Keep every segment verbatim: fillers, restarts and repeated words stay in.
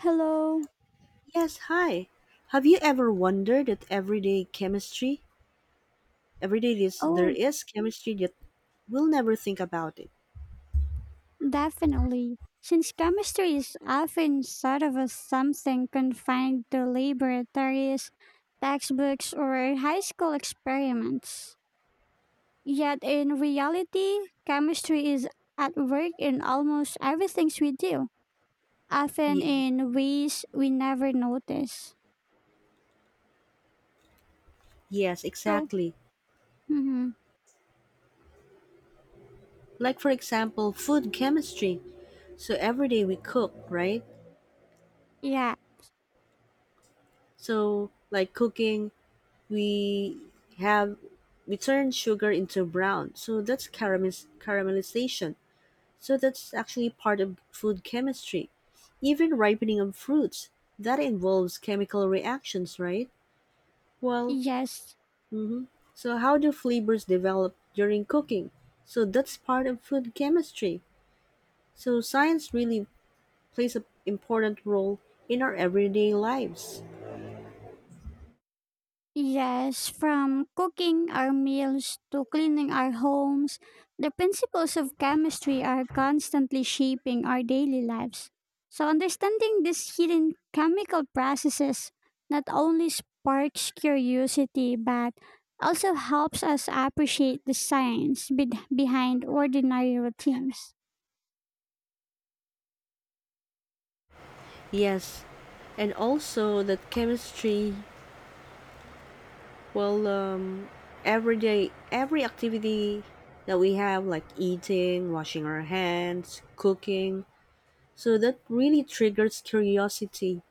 Hello. Yes, hi. Have you ever wondered that everyday chemistry, everyday this there Oh, is chemistry that we'll never think about it. definitely. Since chemistry is often sort of a something confined to laboratories, textbooks, or high school experiments, yet in reality, chemistry is at work in almost everything we do, often Ye- in ways we never notice. yes, So, exactly. mhm, Like for example, food chemistry. So every day we cook, right? yeah, So like cooking, we have we turn sugar into brown. So that's caramel- caramelization. So that's actually part of food chemistry. Even ripening of fruits, that involves chemical reactions, right? Well, yes, mhm. So how do flavors develop during cooking? So that's part of food chemistry. So science really plays an important role in our everyday lives. yes, from cooking our meals to cleaning our homes, the principles of chemistry are constantly shaping our daily lives. So, understanding these hidden chemical processes not only sparks curiosity but also helps us appreciate the science bed- behind ordinary routines. Yes, and also that chemistry. Well, um, every day, every activity that we have, like eating, washing our hands, cooking, so that really triggers curiosity.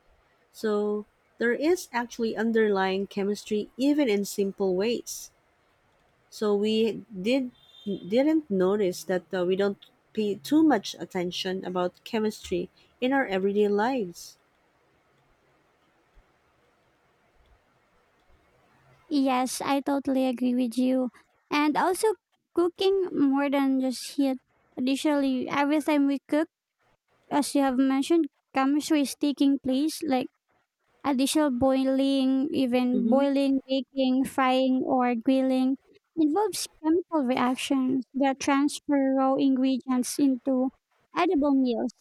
So there is actually underlying chemistry even in simple ways. So we did didn't notice that uh, we don't pay too much attention about chemistry in our everyday lives. Yes, I totally agree with you. And also, cooking more than just heat. Additionally, every time we cook, as you have mentioned, chemistry is taking place, like additional boiling, even Mm-hmm. boiling, baking, frying, or grilling involves chemical reactions that transfer raw ingredients into edible meals.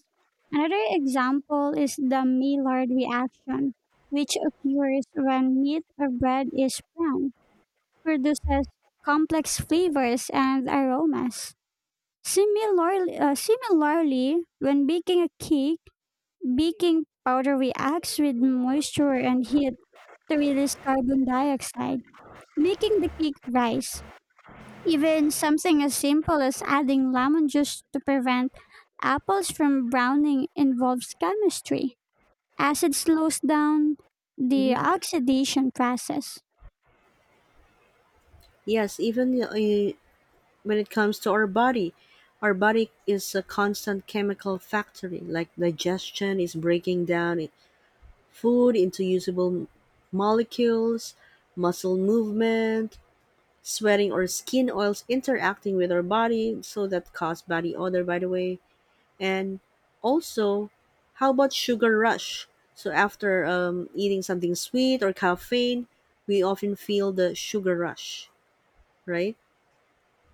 Another example is the Maillard reaction, which occurs when meat or bread is browned, produces complex flavors and aromas. Similarly, uh, similarly, when baking a cake, baking powder reacts with moisture and heat to release carbon dioxide, making the cake rise. Even something as simple as adding lemon juice to prevent apples from browning involves chemistry, as it slows down the Mm-hmm. oxidation process. Yes, even uh, when it comes to our body, our body is a constant chemical factory. Like digestion is breaking down i- food into usable m- molecules, muscle movement, sweating or skin oils interacting with our body, so that cause body odor, by the way. And also, how about sugar rush? So after um, eating something sweet or caffeine, we often feel the sugar rush, right?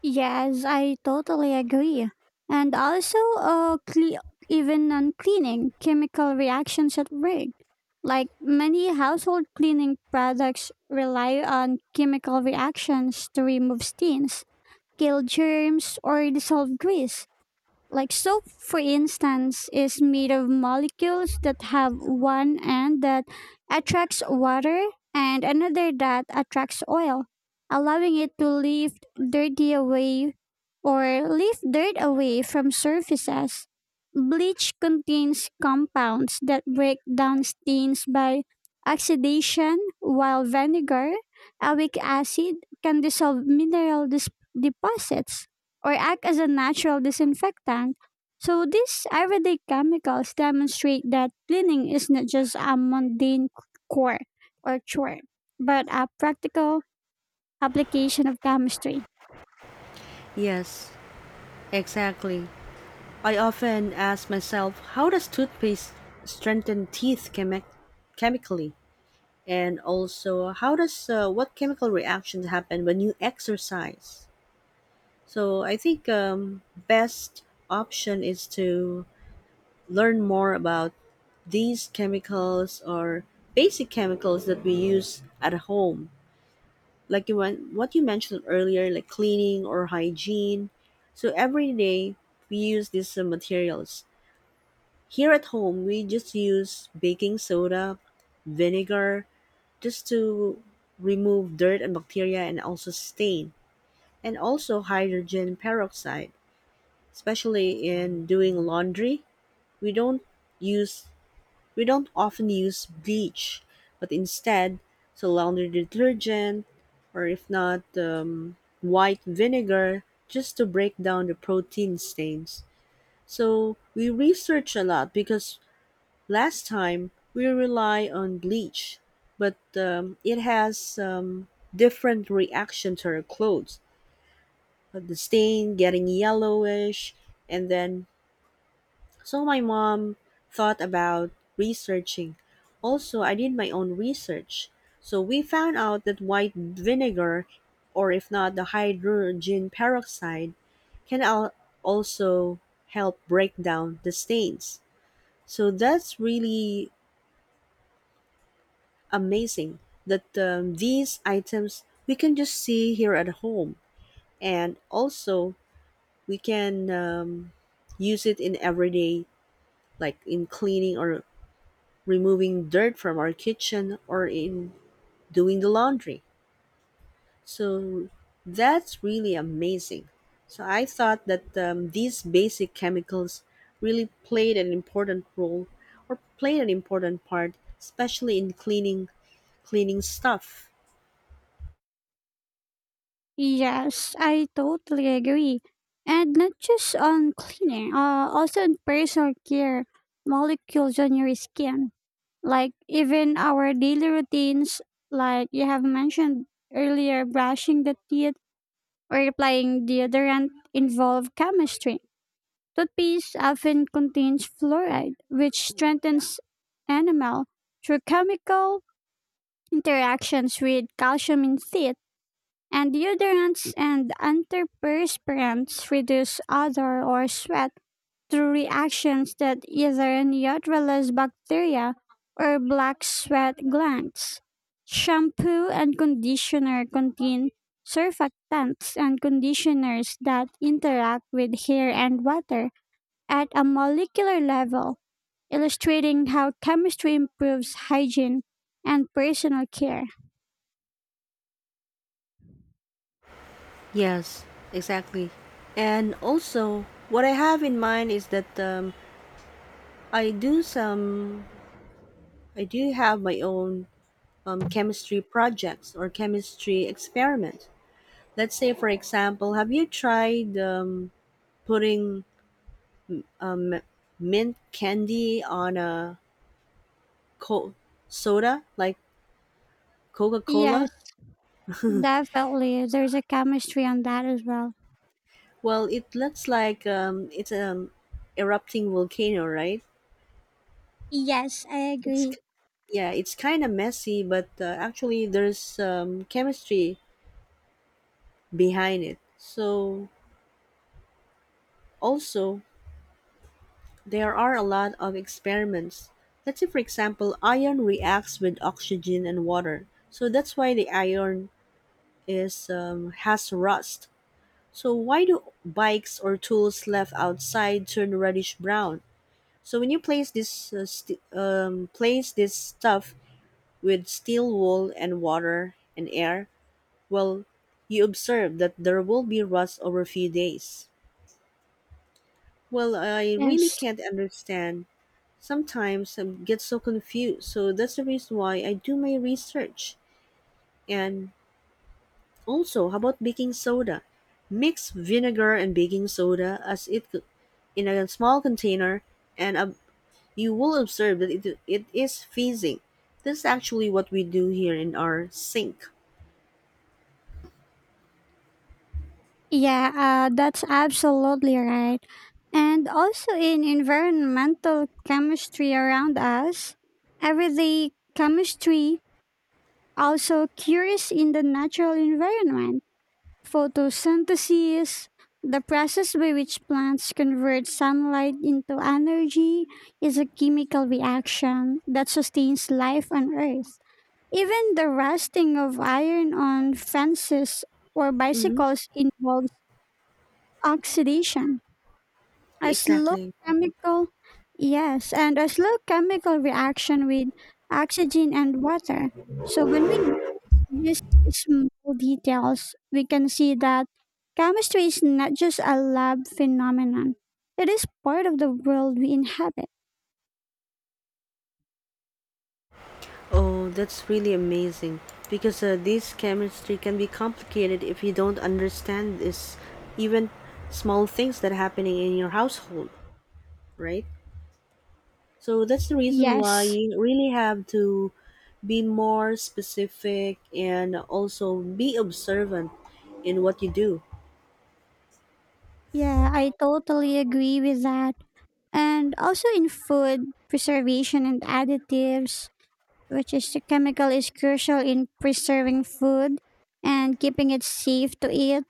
Yes, I totally agree. And also, uh, cle- even on cleaning, chemical reactions at work. Like many household cleaning products rely on chemical reactions to remove stains, kill germs, or dissolve grease. Like soap, for instance, is made of molecules that have one end that attracts water and another that attracts oil, allowing it to lift dirty away or lift dirt away from surfaces. Bleach contains compounds that break down stains by oxidation, while vinegar, a weak acid, can dissolve mineral dis- deposits or act as a natural disinfectant. So these everyday chemicals demonstrate that cleaning is not just a mundane chore or chore, but a practical application of chemistry. Yes, exactly. I often ask myself, how does toothpaste strengthen teeth chemi- chemically? And also, how does uh, what chemical reactions happen when you exercise? So I think um, best option is to learn more about these chemicals or basic chemicals that we use at home, like you went, what you mentioned earlier, like cleaning or hygiene. So every day we use these uh, materials. Here at home, we just use baking soda, vinegar, just to remove dirt and bacteria and also stain, and also hydrogen peroxide, especially in doing laundry. We don't use we don't often use bleach, but instead, so laundry detergent, or if not um, white vinegar, just to break down the protein stains. So we research a lot because last time we rely on bleach, but um, it has um, different reaction to our clothes. But the stain getting yellowish, and then, so my mom thought about researching. Also, I did my own research. So we found out that white vinegar, or if not the hydrogen peroxide, can al- also help break down the stains. So that's really amazing that um, these items we can just see here at home. And also, we can um, use it in everyday, like in cleaning or removing dirt from our kitchen or in doing the laundry. So that's really amazing. So I thought that um, these basic chemicals really played an important role or played an important part, especially in cleaning cleaning stuff. Yes, I totally agree. And not just on cleaning, uh, also in personal care, molecules on your skin. Like even our daily routines, like you have mentioned earlier, brushing the teeth or applying deodorant involve chemistry. Toothpaste often contains fluoride, which strengthens enamel through chemical interactions with calcium in teeth, and deodorants and antiperspirants reduce odor or sweat through reactions that either neutralize bacteria or black sweat glands. Shampoo and conditioner contain surfactants and conditioners that interact with hair and water at a molecular level, illustrating how chemistry improves hygiene and personal care. Yes, exactly. And also, what I have in mind is that um, I do some, I do have my own um, chemistry projects or chemistry experiment. Let's say, for example, have you tried um, putting mint candy on a co- soda like Coca Cola? Yes, definitely. There's a chemistry on that as well. Well, it looks like um, it's an erupting volcano, right? Yes, I It's agree. Yeah, it's kind of messy, but uh, actually there's um, chemistry behind it. So also, there are a lot of experiments. Let's say for example, iron reacts with oxygen and water. So that's why the iron is um, has rust. So why do bikes or tools left outside turn reddish brown? So when you place this uh, st- um, place this stuff with steel wool and water and air, well, you observe that there will be rust over a few days. Well, I really Yes. can't understand. Sometimes I get so confused. So that's the reason why I do my research, and also, how about baking soda? Mix vinegar and baking soda, as it co- in a small container, and ob- you will observe that it, it is fizzing. This is actually what we do here in our sink. Yeah, uh, that's absolutely right. And also in environmental chemistry around us, everyday chemistry also curious in the natural environment. Photosynthesis, the process by which plants convert sunlight into energy, is a chemical reaction that sustains life on Earth. Even the rusting of iron on fences or Mm-hmm. bicycles involves oxidation. A slow Exactly. chemical, yes, and a slow chemical reaction with oxygen and water. So when we notice these small details, we can see that chemistry is not just a lab phenomenon. It is part of the world we inhabit. Oh, that's really amazing because uh, this chemistry can be complicated if you don't understand this, even small things that are happening in your household, right? So that's the reason why Yes. you really have to be more specific and also be observant in what you do. Yeah, I totally agree with that. And also in food, preservation and additives, which is the chemical is crucial in preserving food and keeping it safe to eat.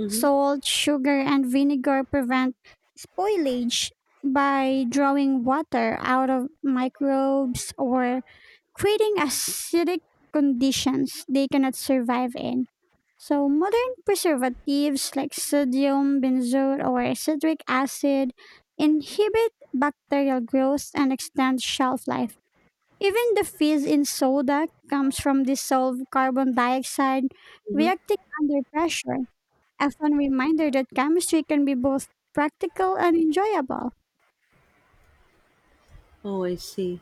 Mm-hmm. Salt, sugar, and vinegar prevent spoilage by drawing water out of microbes or creating acidic conditions they cannot survive in. So, modern preservatives like sodium, benzoate, or citric acid inhibit bacterial growth and extend shelf life, even the fizz in soda comes from dissolved carbon dioxide Mm-hmm. reacting under pressure, a fun reminder that chemistry can be both practical and enjoyable. Oh, I see.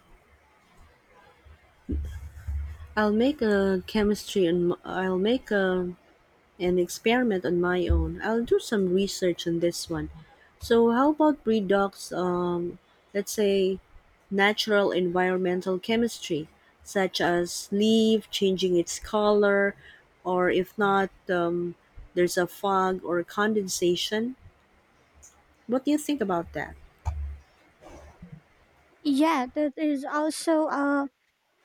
I'll make a chemistry and I'll make a and experiment on my own. I'll do some research on this one. So, how about breed Um, let's say natural environmental chemistry, such as leaf changing its color, or if not, um, there's a fog or condensation. What do you think about that? Yeah, that is also uh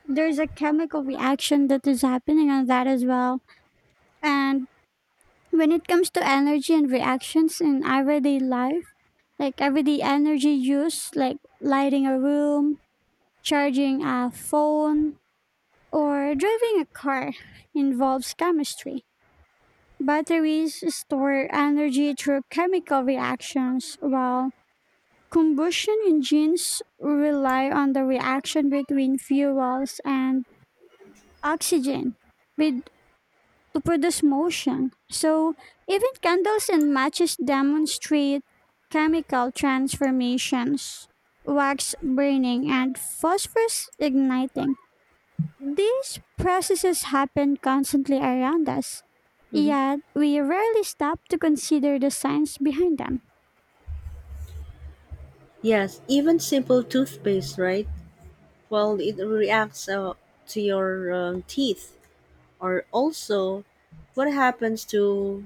there's a chemical reaction that is happening on that as well. And when it comes to energy and reactions in everyday life, like everyday energy use, like lighting a room, charging a phone, or driving a car involves chemistry. Batteries store energy through chemical reactions, while combustion engines rely on the reaction between fuels and oxygen with, to produce motion. So, even candles and matches demonstrate chemical transformations, wax burning, and phosphorus igniting. These processes happen constantly around us, Hmm. yet we rarely stop to consider the science behind them. Yes, even simple toothpaste, right? Well, it reacts uh, to your um, teeth. Or also, what happens to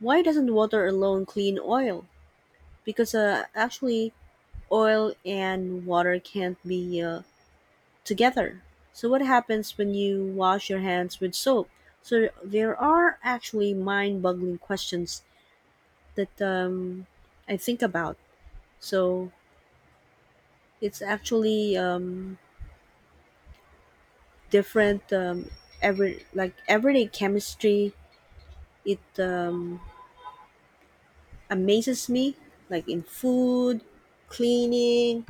why doesn't water alone clean oil? Because uh, actually, oil and water can't be uh, together. So, what happens when you wash your hands with soap? So, there are actually mind boggling questions that um, I think about. So, it's actually um, different, um, every, like everyday chemistry. It um, amazes me, like in food, cleaning,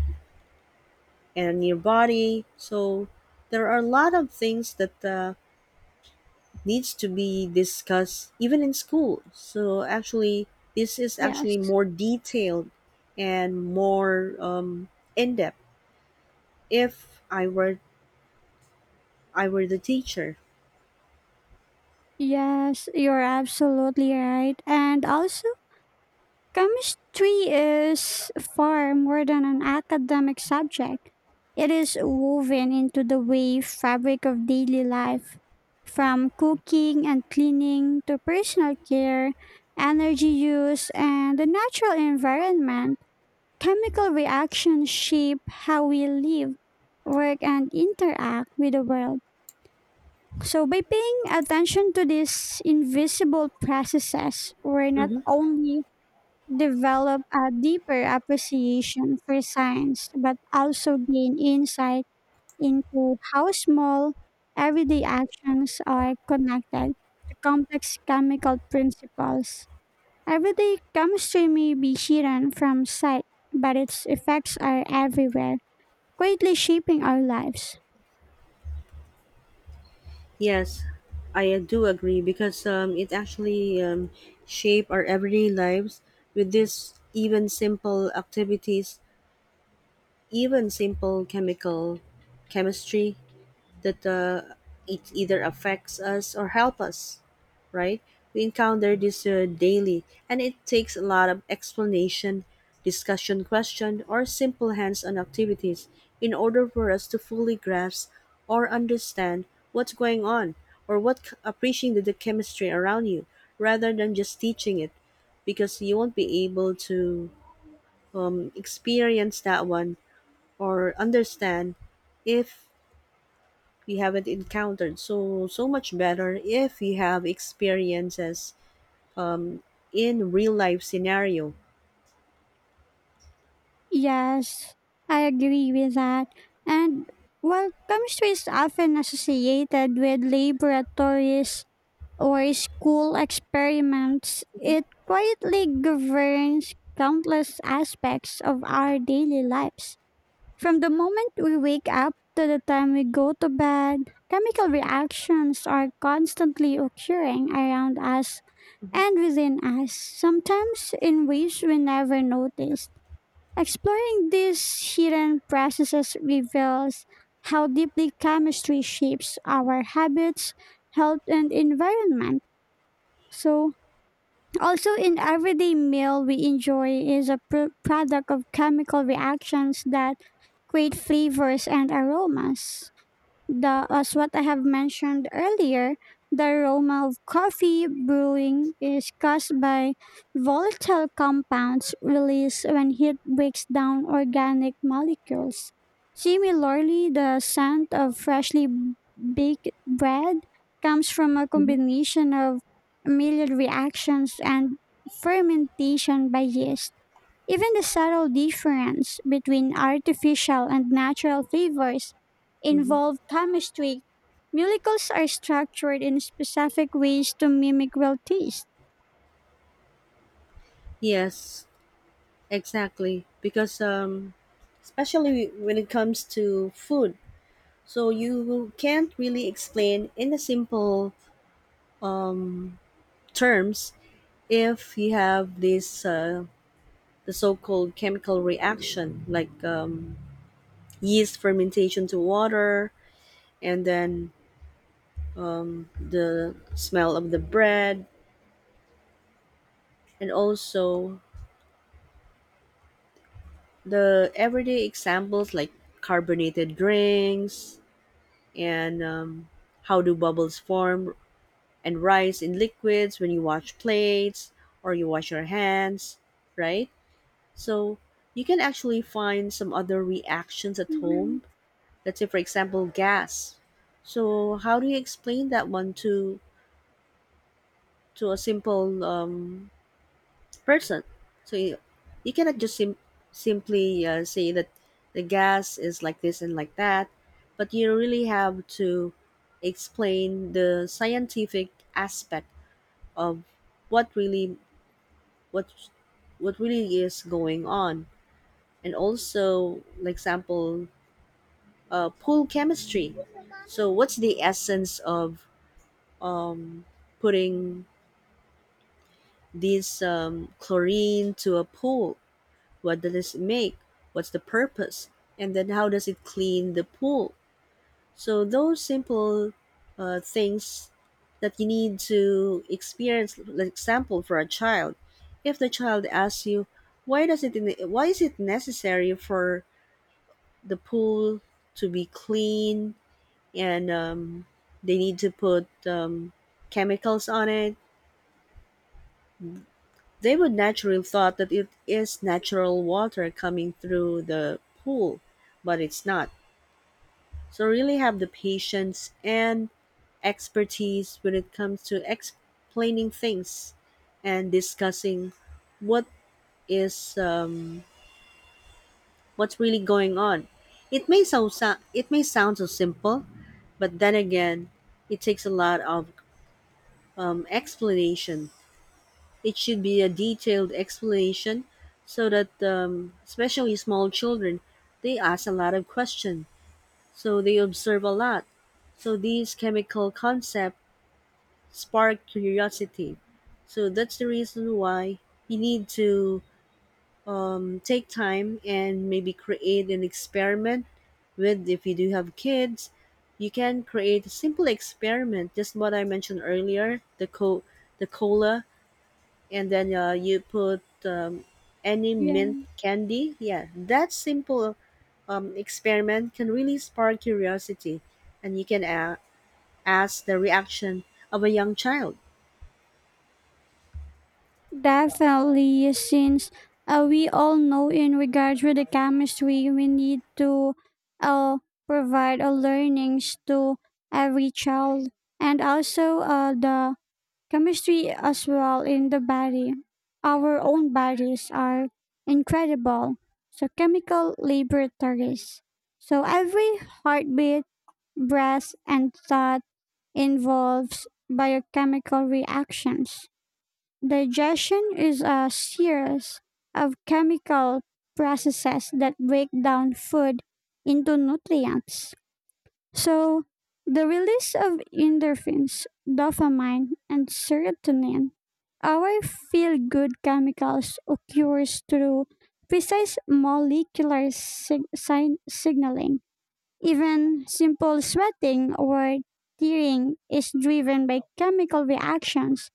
and your body. So there are a lot of things that uh, needs to be discussed even in school. So actually, this is Yes. actually more detailed and more um, in depth. If I were I were the teacher. Yes, you're absolutely right. And also, chemistry is far more than an academic subject. It is woven into the way fabric of daily life, from cooking and cleaning to personal care, energy use, and the natural environment. Chemical reactions shape how we live, work, and interact with the world. So, by paying attention to these invisible processes, we're not Hmm. only develop a deeper appreciation for science, but also gain insight into how small everyday actions are connected to complex chemical principles. Every day comes to me Bishiran from sight, but its effects are everywhere, greatly shaping our lives. Yes, I do agree because um, it actually um, shape our everyday lives with this even simple activities, even simple chemical chemistry that uh, it either affects us or help us, right? We encounter this uh, daily, and it takes a lot of explanation, discussion question, or simple hands-on activities in order for us to fully grasp or understand what's going on, or what c- appreciating the chemistry around you rather than just teaching it, because you won't be able to um, experience that one or understand if we haven't encountered, so so much better if we have experiences in real life scenario. Yes, I agree with that. And while chemistry is often associated with laboratories or school experiments, it quietly governs countless aspects of our daily lives. From the moment we wake up to the time we go to bed, chemical reactions are constantly occurring around us and within us, sometimes in ways we never noticed. Exploring these hidden processes reveals how deeply chemistry shapes our habits, health, and environment. So, also, in everyday meal we enjoy is a pr- product of chemical reactions that create flavors and aromas, the as what I have mentioned earlier, the aroma of coffee brewing is caused by volatile compounds released when heat breaks down organic molecules. Similarly, the scent of freshly baked bread comes from a Mhm. combination of Maillard reactions and fermentation by yeast. Even the subtle difference between artificial and natural flavors Hmm. involve chemistry. Molecules are structured in specific ways to mimic real taste. Yes, exactly. Because um, especially when it comes to food, so you can't really explain in a simple um, terms if you have this uh, the so-called chemical reaction like um, yeast fermentation to water, and then the smell of the bread, and also the everyday examples like carbonated drinks, and um, how do bubbles form and rise in liquids when you wash plates or you wash your hands, right? So you can actually find some other reactions at hmm home. Let's say, for example, gas. So how do you explain that one to to a simple um, person. So you, you cannot just sim- simply uh, say that the gas is like this and like that, but you really have to explain the scientific aspect of what really what what really is going on, and also, like example, uh, pool chemistry. So what's the essence of um, putting this um, chlorine to a pool? What does it make? What's the purpose? And then how does it clean the pool? So those simple uh, things that you need to experience, like example for a child, if the child asks you, why does it why is it necessary for the pool to be clean, and um, they need to put um, chemicals on it, they would naturally thought that it is natural water coming through the pool, but it's not. So really have the patience and expertise when it comes to explaining things and discussing what is um, what's really going on. It may sound so, sou- it may sound so simple, but then again, it takes a lot of um, explanation. It should be a detailed explanation so that um, especially small children, they ask a lot of questions, so they observe a lot. So these chemical concepts spark curiosity. So that's the reason why you need to um, take time and maybe create an experiment with, if you do have kids, you can create a simple experiment, just what I mentioned earlier, the co the cola, and then uh, you put um, any mint Yeah. candy, yeah, that simple um, experiment can really spark curiosity, and you can a- ask the reaction of a young child. Definitely, since uh, we all know in regards with the chemistry, we need to uh, provide a learnings to every child, and also uh, the chemistry as well in the body. Our own bodies are incredible. So chemical laboratories. So every heartbeat, breath and thought involves biochemical reactions. Digestion is a series of chemical processes that break down food into nutrients. So, the release of endorphins, dopamine, and serotonin, our feel good chemicals, occurs through precise molecular sig- sign- signaling. Even simple sweating or tearing is driven by chemical reactions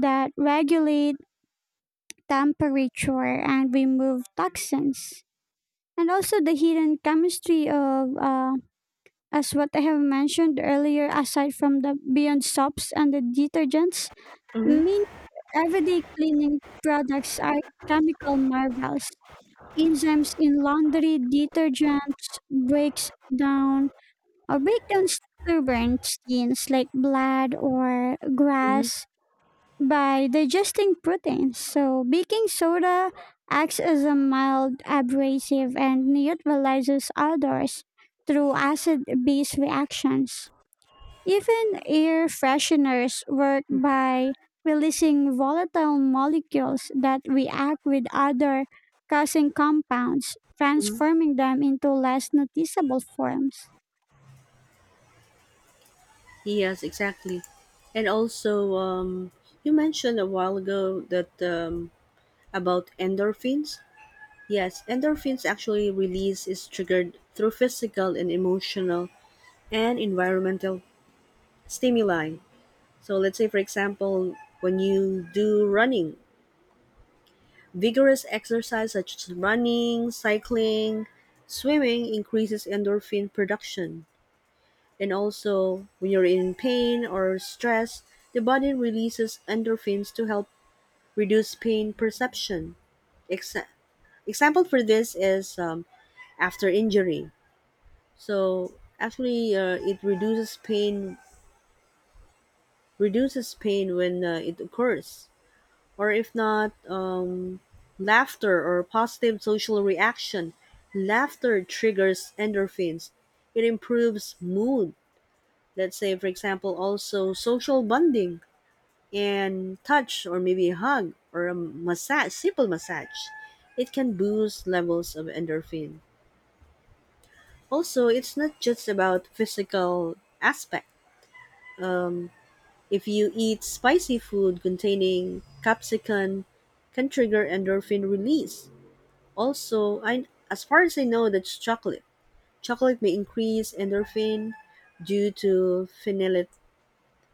that regulate temperature and remove toxins. And also, the hidden chemistry of uh, as what I have mentioned earlier, aside from the Beyond soaps and the detergents, Mhm. many everyday cleaning products are chemical marvels. Enzymes in laundry detergents breaks down or break down stubborn stains like blood or Mhm, grass by digesting proteins. So baking soda acts as a mild abrasive and neutralizes odors through acid-base reactions. Even air fresheners work by releasing volatile molecules that react with other causing compounds, mhm. transforming them into less noticeable forms. Yes, exactly. And also, um, you mentioned a while ago that um, about endorphins. Yes, endorphins actually release is triggered through physical and emotional and environmental stimuli. So let's say, for example, when you do running, vigorous exercise such as running, cycling, swimming increases endorphin production. And also, when you're in pain or stress, the body releases endorphins to help reduce pain perception. Exa- Example for this is um, after injury. So actually, uh, it reduces pain reduces pain when uh, it occurs, or if not, um, laughter or positive social reaction. Laughter triggers endorphins. It improves mood. Let's say, for example, also social bonding. And touch, or maybe a hug or a massage, simple massage, it can boost levels of endorphin. Also, it's not just about physical aspect. Um, if you eat spicy food containing capsicum, can trigger endorphin release. Also, I, as far as I know, that's chocolate. Chocolate may increase endorphin due to phenylet,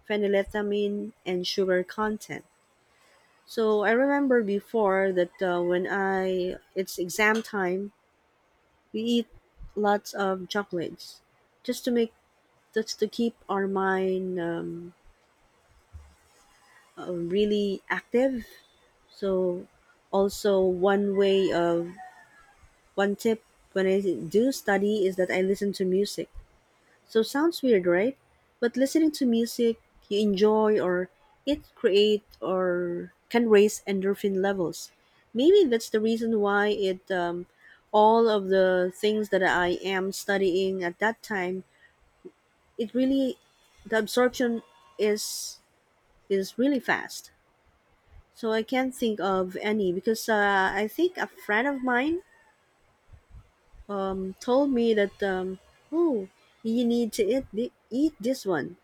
phenylethamine and sugar content. So I remember before that uh, when I it's exam time, we eat lots of chocolates, just to make just to keep our mind um, uh, really active. So also, one way of one tip when I do study is that I listen to music. So sounds weird, right? But listening to music you enjoy, or it create or can raise endorphin levels. Maybe that's the reason why it um, all of the things that I am studying at that time, it really the absorption is is really fast. So I can't think of any because uh, I think a friend of mine um, told me that um, oh, you need to eat thi- eat this one.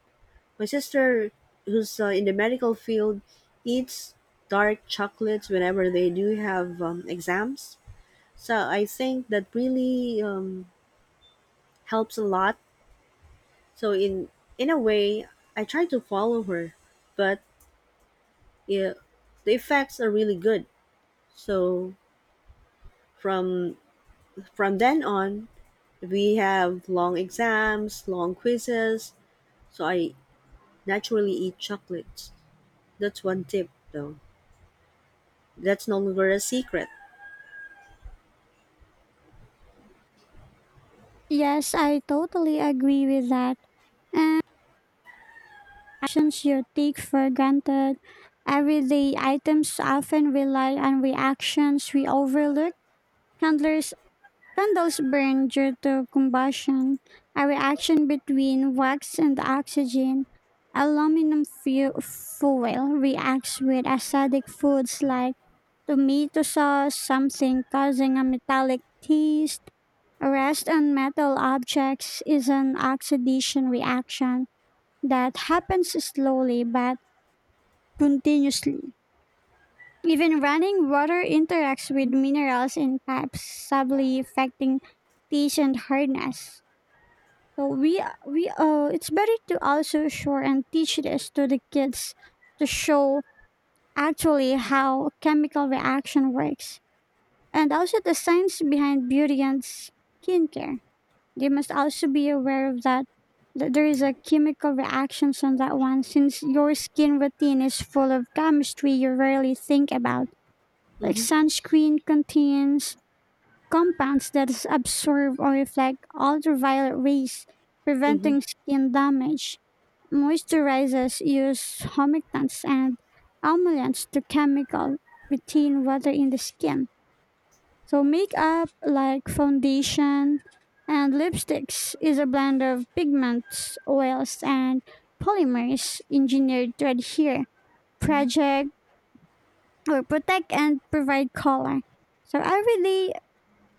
My sister, who's uh, in the medical field, eats dark chocolates whenever they do have um, exams. So I think that really um, helps a lot. So in in a way, I try to follow her, but yeah, the effects are really good. So from from then on, we have long exams, long quizzes. So I naturally eat chocolates. That's one tip, though. That's no longer a secret. Yes, I totally agree with that. And actions you take for granted, everyday items often rely on reactions we overlook. Handlers candles burn due to combustion, a reaction between wax and oxygen. Aluminum fu- foil reacts with acidic foods like tomato sauce, something causing a metallic taste. Rust on metal objects is an oxidation reaction that happens slowly but continuously. Even running water interacts with minerals in pipes, subtly affecting teach and hardness. So we we uh it's better to also shore and teach this to the kids to show actually how chemical reaction works, and also the science behind beauty and skincare. They must also be aware of that, that there is a chemical reactions on that one since your skin routine is full of chemistry you rarely think about. Like Hmm. sunscreen contains compounds that s- absorb or reflect ultraviolet rays, Hmm. preventing skin damage. Moisturizers use humectants and emollients to chemical retain water in the skin. So makeup like foundation and lipsticks is a blend of pigments, oils and polymers engineered to adhere, project or protect and provide color. So everyday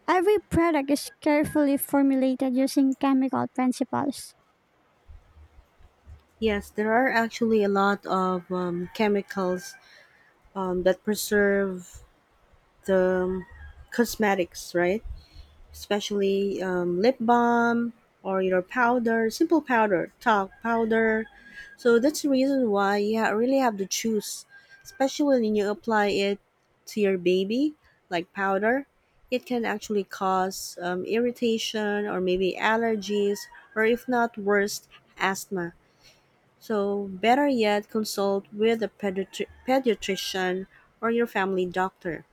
every product is carefully formulated using chemical principles. Yes, there are actually a lot of um, chemicals um, that preserve the um, cosmetics, right? Especially um, lip balm or your powder, simple powder, talc powder. So that's the reason why you ha- really have to choose, especially when you apply it to your baby, like powder. It can actually cause um, irritation or maybe allergies, or if not, worst, asthma. So, better yet, consult with a pediatri- pediatrician or your family doctor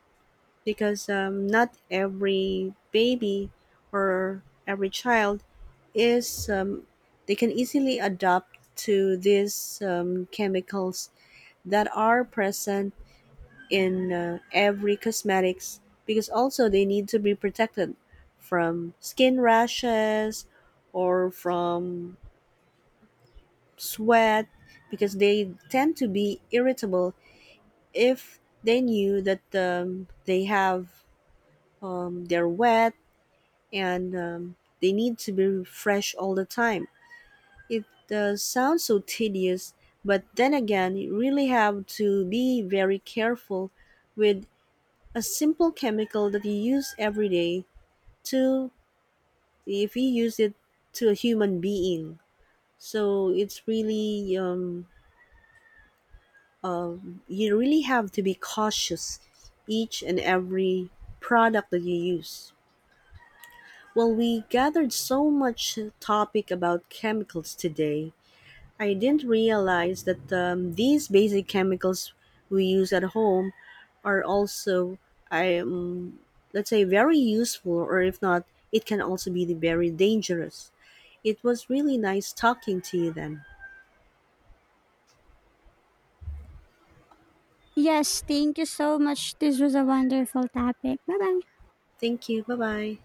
because um, not every baby or every child is, um, they can easily adapt to these um, chemicals that are present in uh, every cosmetics, because also they need to be protected from skin rashes or from sweat, because they tend to be irritable if they knew that um, they have um, they're wet, and um, they need to be fresh all the time. It uh, sounds so tedious, but then again you really have to be very careful with a simple chemical that you use every day, to if you use it to a human being, so it's really um, um, you really have to be cautious each and every product that you use. Well, we gathered so much topic about chemicals today. I didn't realize that um, these basic chemicals we use at home are also, I um, let's say, very useful, or if not, it can also be very dangerous. It was really nice talking to you then. Yes, thank you so much. This was a wonderful topic. Bye bye. Thank you. Bye bye.